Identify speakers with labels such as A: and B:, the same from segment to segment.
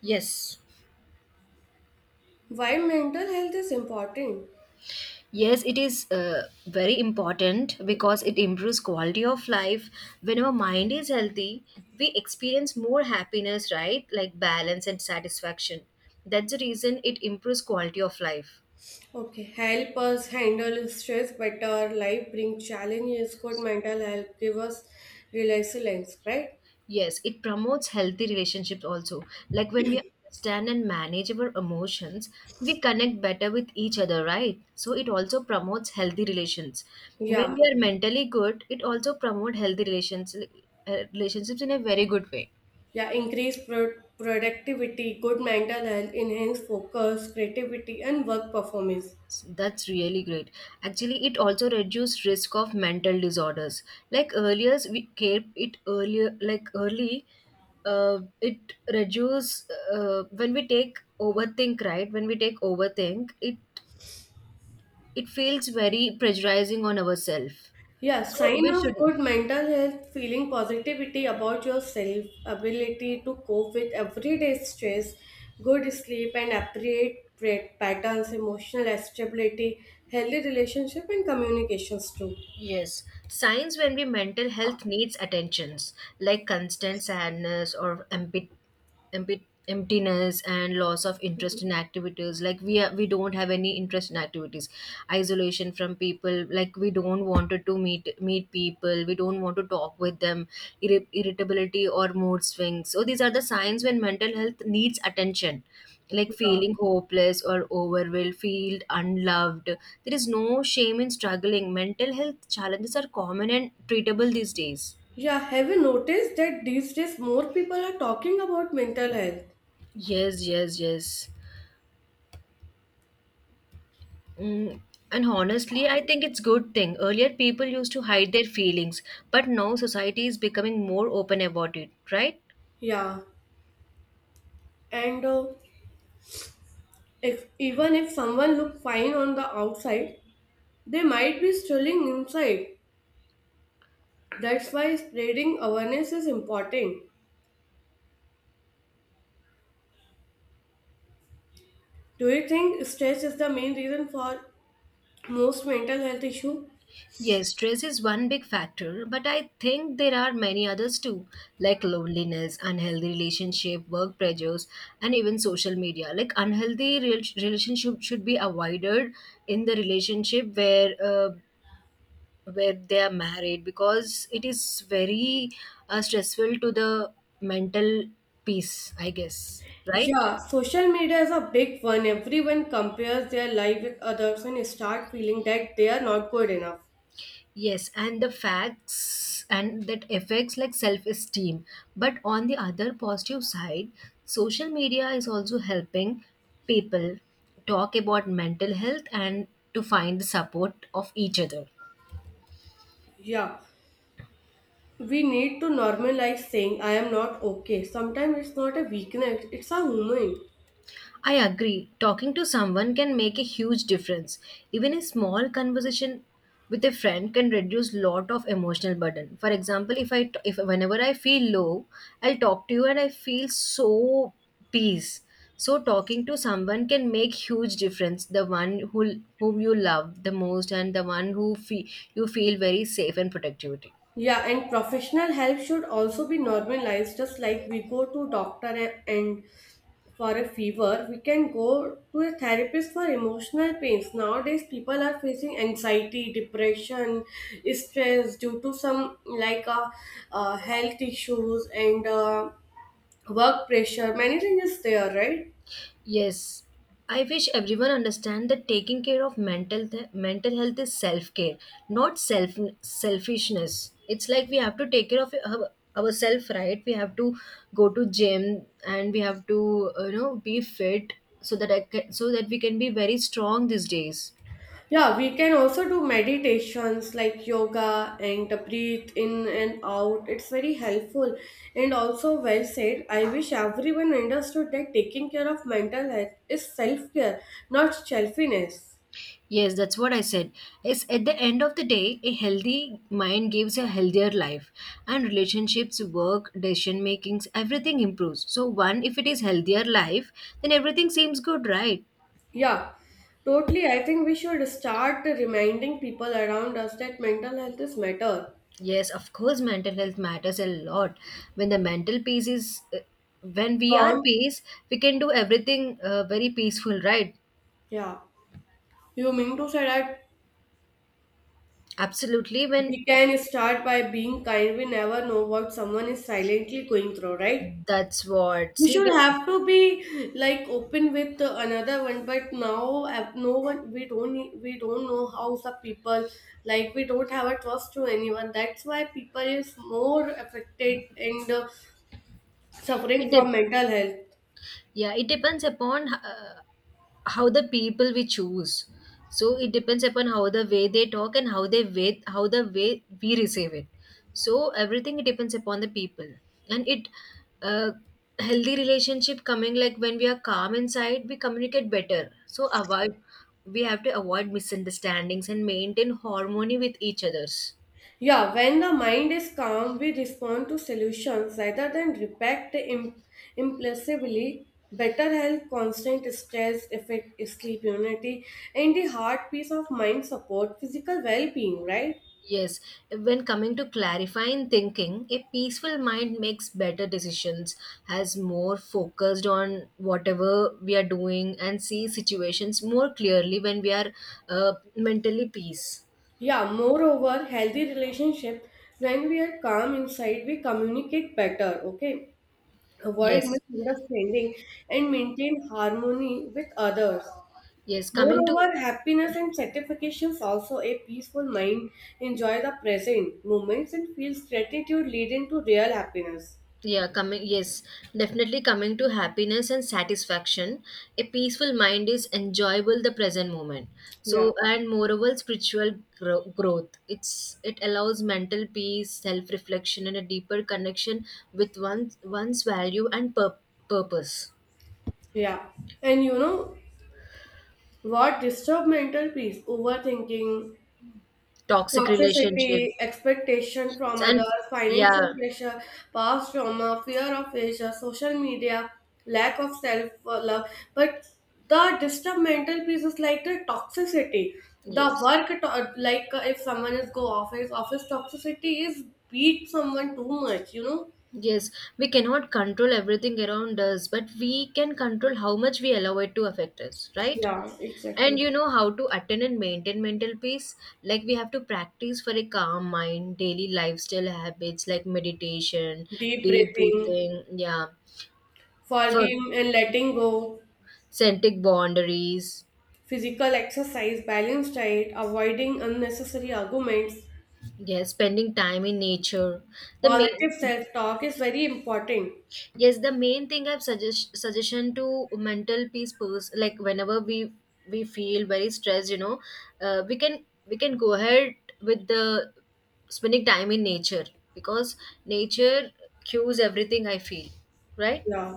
A: Yes.
B: Why mental health is important?
A: Yes, it is very important because it improves quality of life. When our mind is healthy, we experience more happiness, right? Like balance and satisfaction. That's the reason it improves quality of life.
B: Okay, help us handle stress better, life bring challenges, good mental health give us resilience, right?
A: Yes, it promotes healthy relationships also. Like when we understand and manage our emotions, we connect better with each other, right? So it also promotes healthy relations. When
B: Yeah,
A: we are mentally good, it also promotes healthy relations, relationships in a very good way.
B: yeah, increase productivity, good mental health, enhance focus, creativity, and work performance.
A: That's really great. Actually, it also reduces risk of mental disorders. Like earlier, we kept it earlier, like early. It reduce when we take overthink, right? When we take overthink, it feels very pressurizing on ourselves.
B: Yeah,
A: So
B: sign
A: we should.
B: of good mental health, feeling positivity about yourself, ability to cope with everyday stress, good sleep and appropriate patterns, emotional stability, healthy relationship and communications too.
A: Yes, signs when we mental health needs attentions like constant sadness or emptiness and loss of interest in activities like we don't have any interest in activities, isolation from people like we don't wanted to meet people, we don't want to talk with them, irritability or mood swings, so these are the signs when mental health needs attention, like
B: Yeah.
A: feeling hopeless or overwhelmed, feel unloved. There is no shame in struggling. Mental health challenges are common and treatable these days.
B: Yeah, have you noticed that these days more people are talking about mental health?
A: Yes, yes, yes. Mm. And honestly, I think it's good thing. Earlier, people used to hide their feelings, but now society is becoming more open about it, right?
B: Yeah, and if even if someone look fine on the outside, they might be struggling inside. That's why spreading awareness is important. Do you think stress is the main reason for most mental health issue?
A: Yes, stress is one big factor, but I think there are many others too, like loneliness, unhealthy relationship, work pressures, and even social media. Like unhealthy relationship should be avoided in the relationship where they are married because it is very stressful to the mental peace, I guess. Right?
B: Yeah, social media is a big one. Everyone compares their life with others and start feeling that they are not good enough.
A: Yes, and the facts and that affects like self esteem. But on the other positive side, social media is also helping people talk about mental health and to find the support of each other.
B: Yeah, we need to normalize saying I am not okay. Sometimes it's not a weakness, it's a human.
A: I agree. Talking to someone can make a huge difference. Even a small conversation with a friend can reduce lot of emotional burden. For example, if whenever I feel low, I'll talk to you and I feel so peace. So talking to someone can make huge difference. The one who whom you love the most and the one who you feel very safe and protectivity.
B: Yeah, and professional help should also be normalized just like we go to doctor and for a fever, we can go to a therapist for emotional pains. Nowadays, people are facing anxiety, depression, stress due to some like health issues and work pressure. Many things is there, right?
A: Yes, I wish everyone understand that taking care of mental health is self care, not selfishness. It's like we have to take care of ourselves, right? We have to go to gym and we have to be fit so that so that we can be very strong these days.
B: Yeah, we can also do meditations like yoga and the breathe in and out. It's very helpful and also well said. I wish everyone understood that taking care of mental health is self care, not selfishness.
A: Yes, that's what I said. It's at the end of the day, a healthy mind gives a healthier life, and relationships, work, decision makings, everything improves. So, one, if it is healthier life, then everything seems good, right?
B: Yeah, totally. I think we should start reminding people around us that mental health is matter.
A: Yes, of course, mental health matters a lot. When the mental peace is, when we are
B: Gone.
A: peace, we can do everything very peaceful, right?
B: Yeah. You mean to say that
A: Absolutely. When
B: we can start by being kind. We never know what someone is silently going through, right?
A: that's what
B: We
A: see,
B: should
A: we,
B: have to be like open with another one, but now no one. We don't. Need- We don't know how some people like we don't have a trust to anyone. That's why people is more affected and suffering
A: it de-
B: from mental health.
A: yeah, it depends upon how the people we choose, so it depends upon how the way they talk and how the way we receive it, so everything it depends upon the people. And it, uh, healthy relationship coming, like when we are calm inside we communicate better, so avoid, we have to avoid misunderstandings and maintain harmony with each others.
B: Yeah, when the mind is calm, we respond to solutions rather than react impulsively. Better health, constant stress, effect, sleep, immunity, and the heart peace of mind support physical well-being, right?
A: Yes, when coming to clarifying thinking, a peaceful mind makes better decisions, has more focused on whatever we are doing, and see situations more clearly when we are mentally peace.
B: Yeah, moreover, healthy relationship, when we are calm inside, we communicate better, okay? Avoid
A: Yes,
B: misunderstanding and maintain harmony with others.
A: yes. Coming to,
B: Moreover, happiness and satisfactions also a peaceful mind enjoy the present moments and feels gratitude leading to real happiness.
A: yeah, coming, yes, definitely coming to happiness and satisfaction. A peaceful mind is enjoyable the present moment.
B: Yeah,
A: So, and moreover, spiritual growth. It allows mental peace, self reflection, and a deeper connection with one's value and purpose.
B: yeah. And you know what disturb mental peace? Overthinking,
A: Toxic relationship,
B: toxicity, expectation from
A: and
B: others,
A: yeah,
B: financial pressure, past trauma, fear of failure, social media, lack of self love. But the disturb mental peace is like the toxicity. The
A: yes.
B: work, like if someone is go office, office toxicity is beat someone too much, you know?
A: Yes, we cannot control everything around us, but we can control how much we allow it to affect us, right?
B: Yeah,
A: And
B: exactly.
A: you know how to attend and maintain mental peace, like we have to practice for a calm mind daily lifestyle habits like meditation,
B: Deep
A: deep
B: breathing,
A: breathing, yeah, for
B: forgiving and letting go,
A: scented boundaries,
B: physical exercise, balanced diet, avoiding unnecessary arguments,
A: yeah, spending time in nature, the
B: positive
A: main,
B: self-talk is very important.
A: yes the main thing I've suggestion to mental peace like whenever we feel very stressed, you know, we can go ahead with the spending time in nature because nature cues everything I feel, right?
B: Yeah.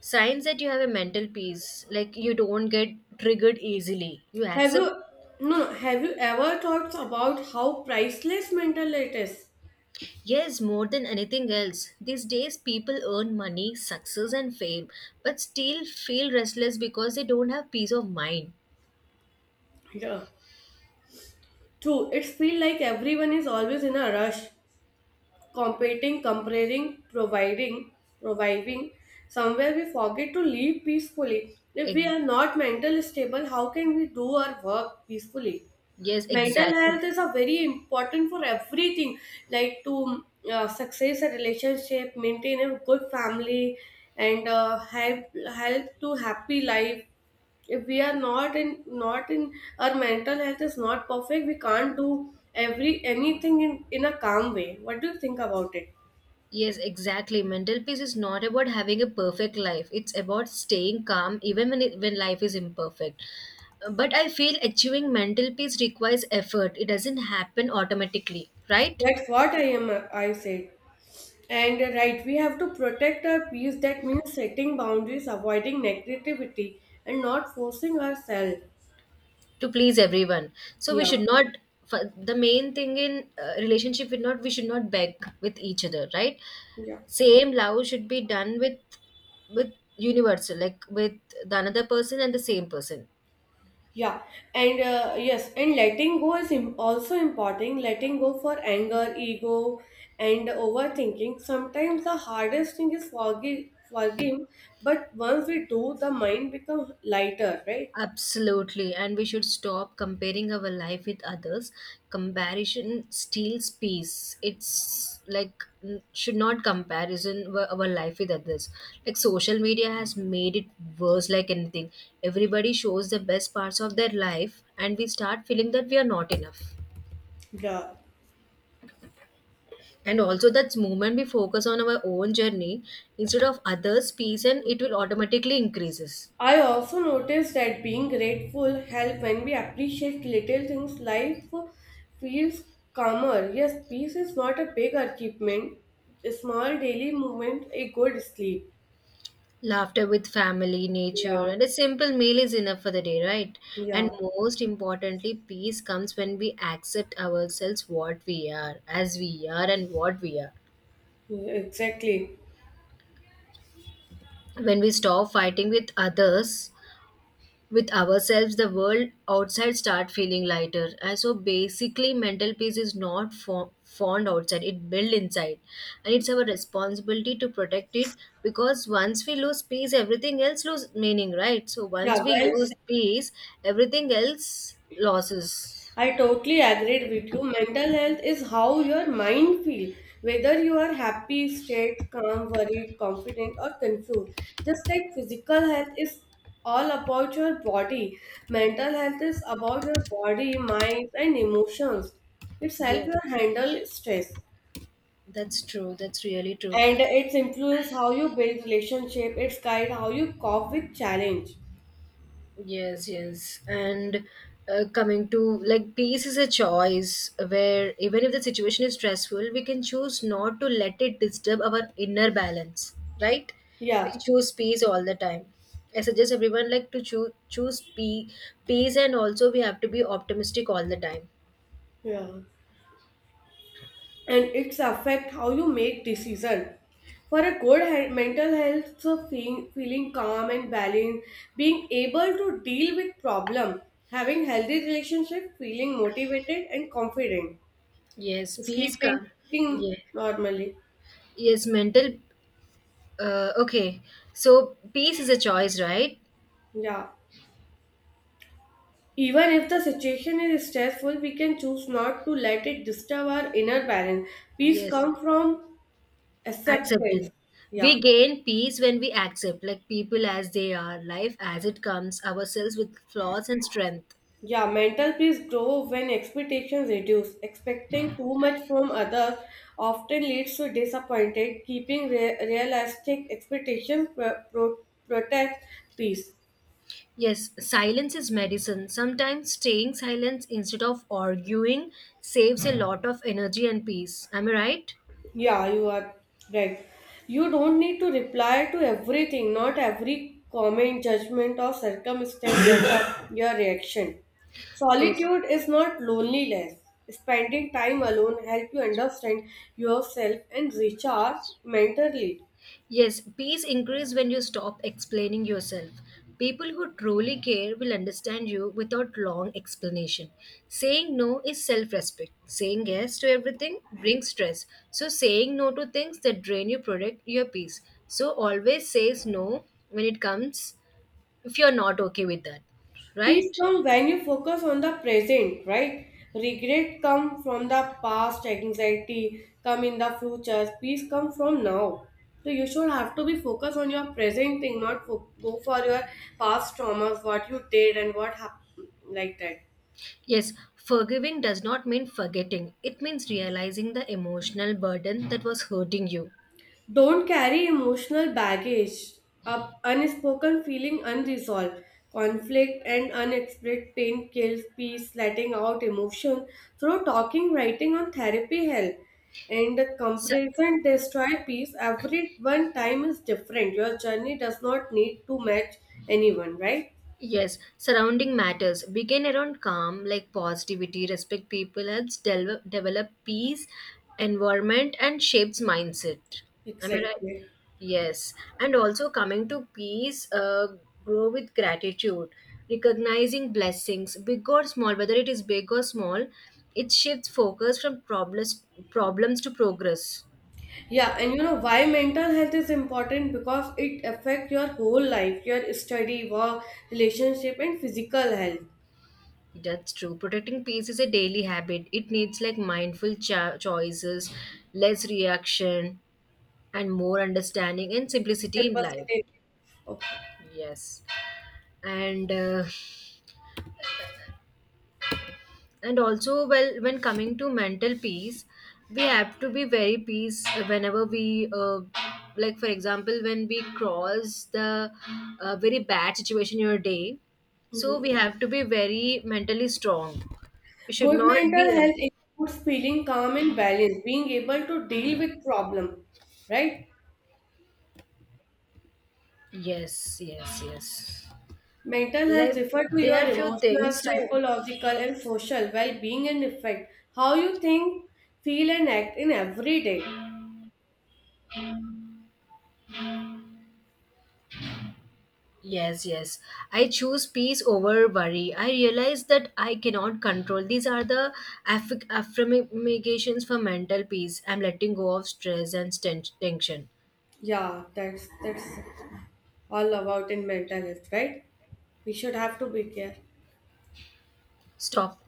A: Signs that you have a mental peace like you don't get triggered easily, you
B: Have
A: accept.
B: you no, no, Have you ever thought about how priceless mental it is?
A: Yes, more than anything else these days people earn money, success and fame, but still feel restless because they don't have peace of mind.
B: Yeah. True, it feels like everyone is always in a rush, competing, comparing, providing, reviving. Somewhere we forget to live peacefully. If we
A: Ex-
B: are not mentally stable, how can we do our work peacefully?
A: Yes,
B: Mental
A: exactly.
B: health is a very important for everything like to success a relationship maintain a good family and help to happy life if we are not in our mental health is not perfect we can't do every anything in a calm way, what do you think about it?
A: Yes, exactly. Mental peace is not about having a perfect life. It's about staying calm even when when life is imperfect. But I feel achieving mental peace requires effort. It doesn't happen automatically, right?
B: That's what I am I said, and right, we have to protect our peace. That means setting boundaries, avoiding negativity, and not forcing ourselves.
A: To please everyone. So we
B: Yeah.
A: should not the main thing in relationship with not, we should not beg with each other, right?
B: Yeah.
A: Same love should be done with universal, like with the another person and the same person.
B: Yeah, and yes, and letting go is also important. Letting go for anger, ego, and overthinking. Sometimes the hardest thing is forgiving, but once we do, the mind becomes lighter, right?
A: Absolutely, and we should stop comparing our life with others. Comparison steals peace. It's like should not comparison our life with others. Like social media has made it worse like anything. Everybody shows the best parts of their life and we start feeling that we are not enough.
B: Yeah.
A: And also that's moment we focus on our own journey instead of others' peace and it will automatically increases.
B: I also noticed that being grateful help when we appreciate little things. Life feels calmer. Yes, peace is not a big achievement. A small daily movement, a good sleep.
A: Laughter with family, nature,
B: Yeah.
A: and a simple meal is enough for the day, right? And
B: Yeah,
A: most importantly, peace comes when we accept ourselves what we are, as we are, and what we are.
B: exactly.
A: When we stop fighting with others, with ourselves, the world outside start feeling lighter, and so basically mental peace is not found outside, it built inside, and it's our responsibility to protect it, because once we lose peace everything else loses meaning, right? So once
B: Yeah,
A: we
B: well
A: lose
B: said.
A: peace everything else loses.
B: I totally agreed with you. Mental health is how your mind feel, whether you are happy, stressed, calm, worried, confident, or confused. Just like physical health is all about your body, mental health is about your body, mind, and emotions. It's help
A: Yeah,
B: you handle stress,
A: that's true, that's really true.
B: and it's influence how you build relationship. It's guide how you cope with challenge.
A: Yes, yes. And coming to, like peace is a choice where even if the situation is stressful, we can choose not to let it disturb our inner balance, right?
B: Yeah,
A: We choose peace all the time. I suggest everyone like to choose peace, and also we have to be optimistic all the time.
B: yeah. And it's affect how you make decision for a good mental health, so feeling calm and balanced, being able to deal with problem, having healthy relationship, feeling motivated and confident,
A: Yes, peace
B: sleeping,
A: come.
B: eating
A: Yeah.
B: normally.
A: Yes, mental, okay. So peace is a choice, right?
B: Yeah, even if the situation is stressful, we can choose not to let it disturb our inner balance. Peace
A: Yes.
B: come from acceptance.
A: Acceptance.
B: Yeah.
A: We gain peace when we accept like people as they are, life as it comes, ourselves with flaws and strength.
B: Yeah, mental peace grows when expectations reduce. Expecting too much from others often leads to disappointment. Keeping realistic expectations protects peace.
A: Yes, silence is medicine, sometimes staying silent instead of arguing saves a lot of energy and peace, am I right?
B: Yeah, you are right. You don't need to reply to everything. Not every comment, judgment, or circumstance affect your reaction.
A: Yes.
B: Solitude is not loneliness. Spending time alone help you understand yourself and recharge mentally.
A: Yes, peace increases when you stop explaining yourself. People who truly care will understand you without long explanation. Saying no is self respect. Saying yes to everything brings stress. So, saying no to things that drain you protect your peace. So, always says no when it comes, if you're not okay with that,
B: Peace
A: right?
B: comes when you focus on the present, right? Regret come from the past, anxiety come in the future. Peace come from now. So you should have to be focused on your present thing, not go for your past traumas, what you did and what happened, like that.
A: Yes, forgiving does not mean forgetting, it means realizing the emotional burden that was hurting you.
B: Don't carry emotional baggage, up unspoken feeling unresolved. Conflict and unexpressed pain kills peace, letting out emotion through talking, writing, or therapy help. And the
A: So,
B: comparison destroy peace. Every one time is different. Your journey does not need to match anyone, right?
A: yes, surrounding matters. Begin around calm, like positivity, respect people, helps develop peace, environment, and shapes mindset. Am I right?
B: Exactly.
A: Yes. And also coming to peace, grow with gratitude, recognizing blessings, big or small, whether it is big or small, it shifts focus from problems to progress.
B: Yeah, and you know why mental health is important, because it affects your whole life, your study, work, relationship, and physical health.
A: That's true. Protecting peace is a daily habit. It needs like mindful choices, less reaction, and more understanding and simplicity in life.
B: Simplicity. Okay.
A: Yes, and uh, and also well, when coming to mental peace we have to be very peace whenever we like for example when we cross the very bad situation in your day, so we have to be very mentally strong, we should
B: Good
A: not be.
B: mental health includes feeling calm and balanced, being able to deal with problem, right?
A: Yes, yes, yes.
B: Mental health
A: Like
B: refer to your
A: there are few
B: emotional,
A: things to.
B: psychological, and social well-being and effect. How you think, feel, and act in every day.
A: Yes, yes. I choose peace over worry. I realize that I cannot control. These are the affirmations for mental peace. I'm letting go of stress and tension.
B: Yeah, that's all about in mental health, right? We should have to be care.
A: Stop.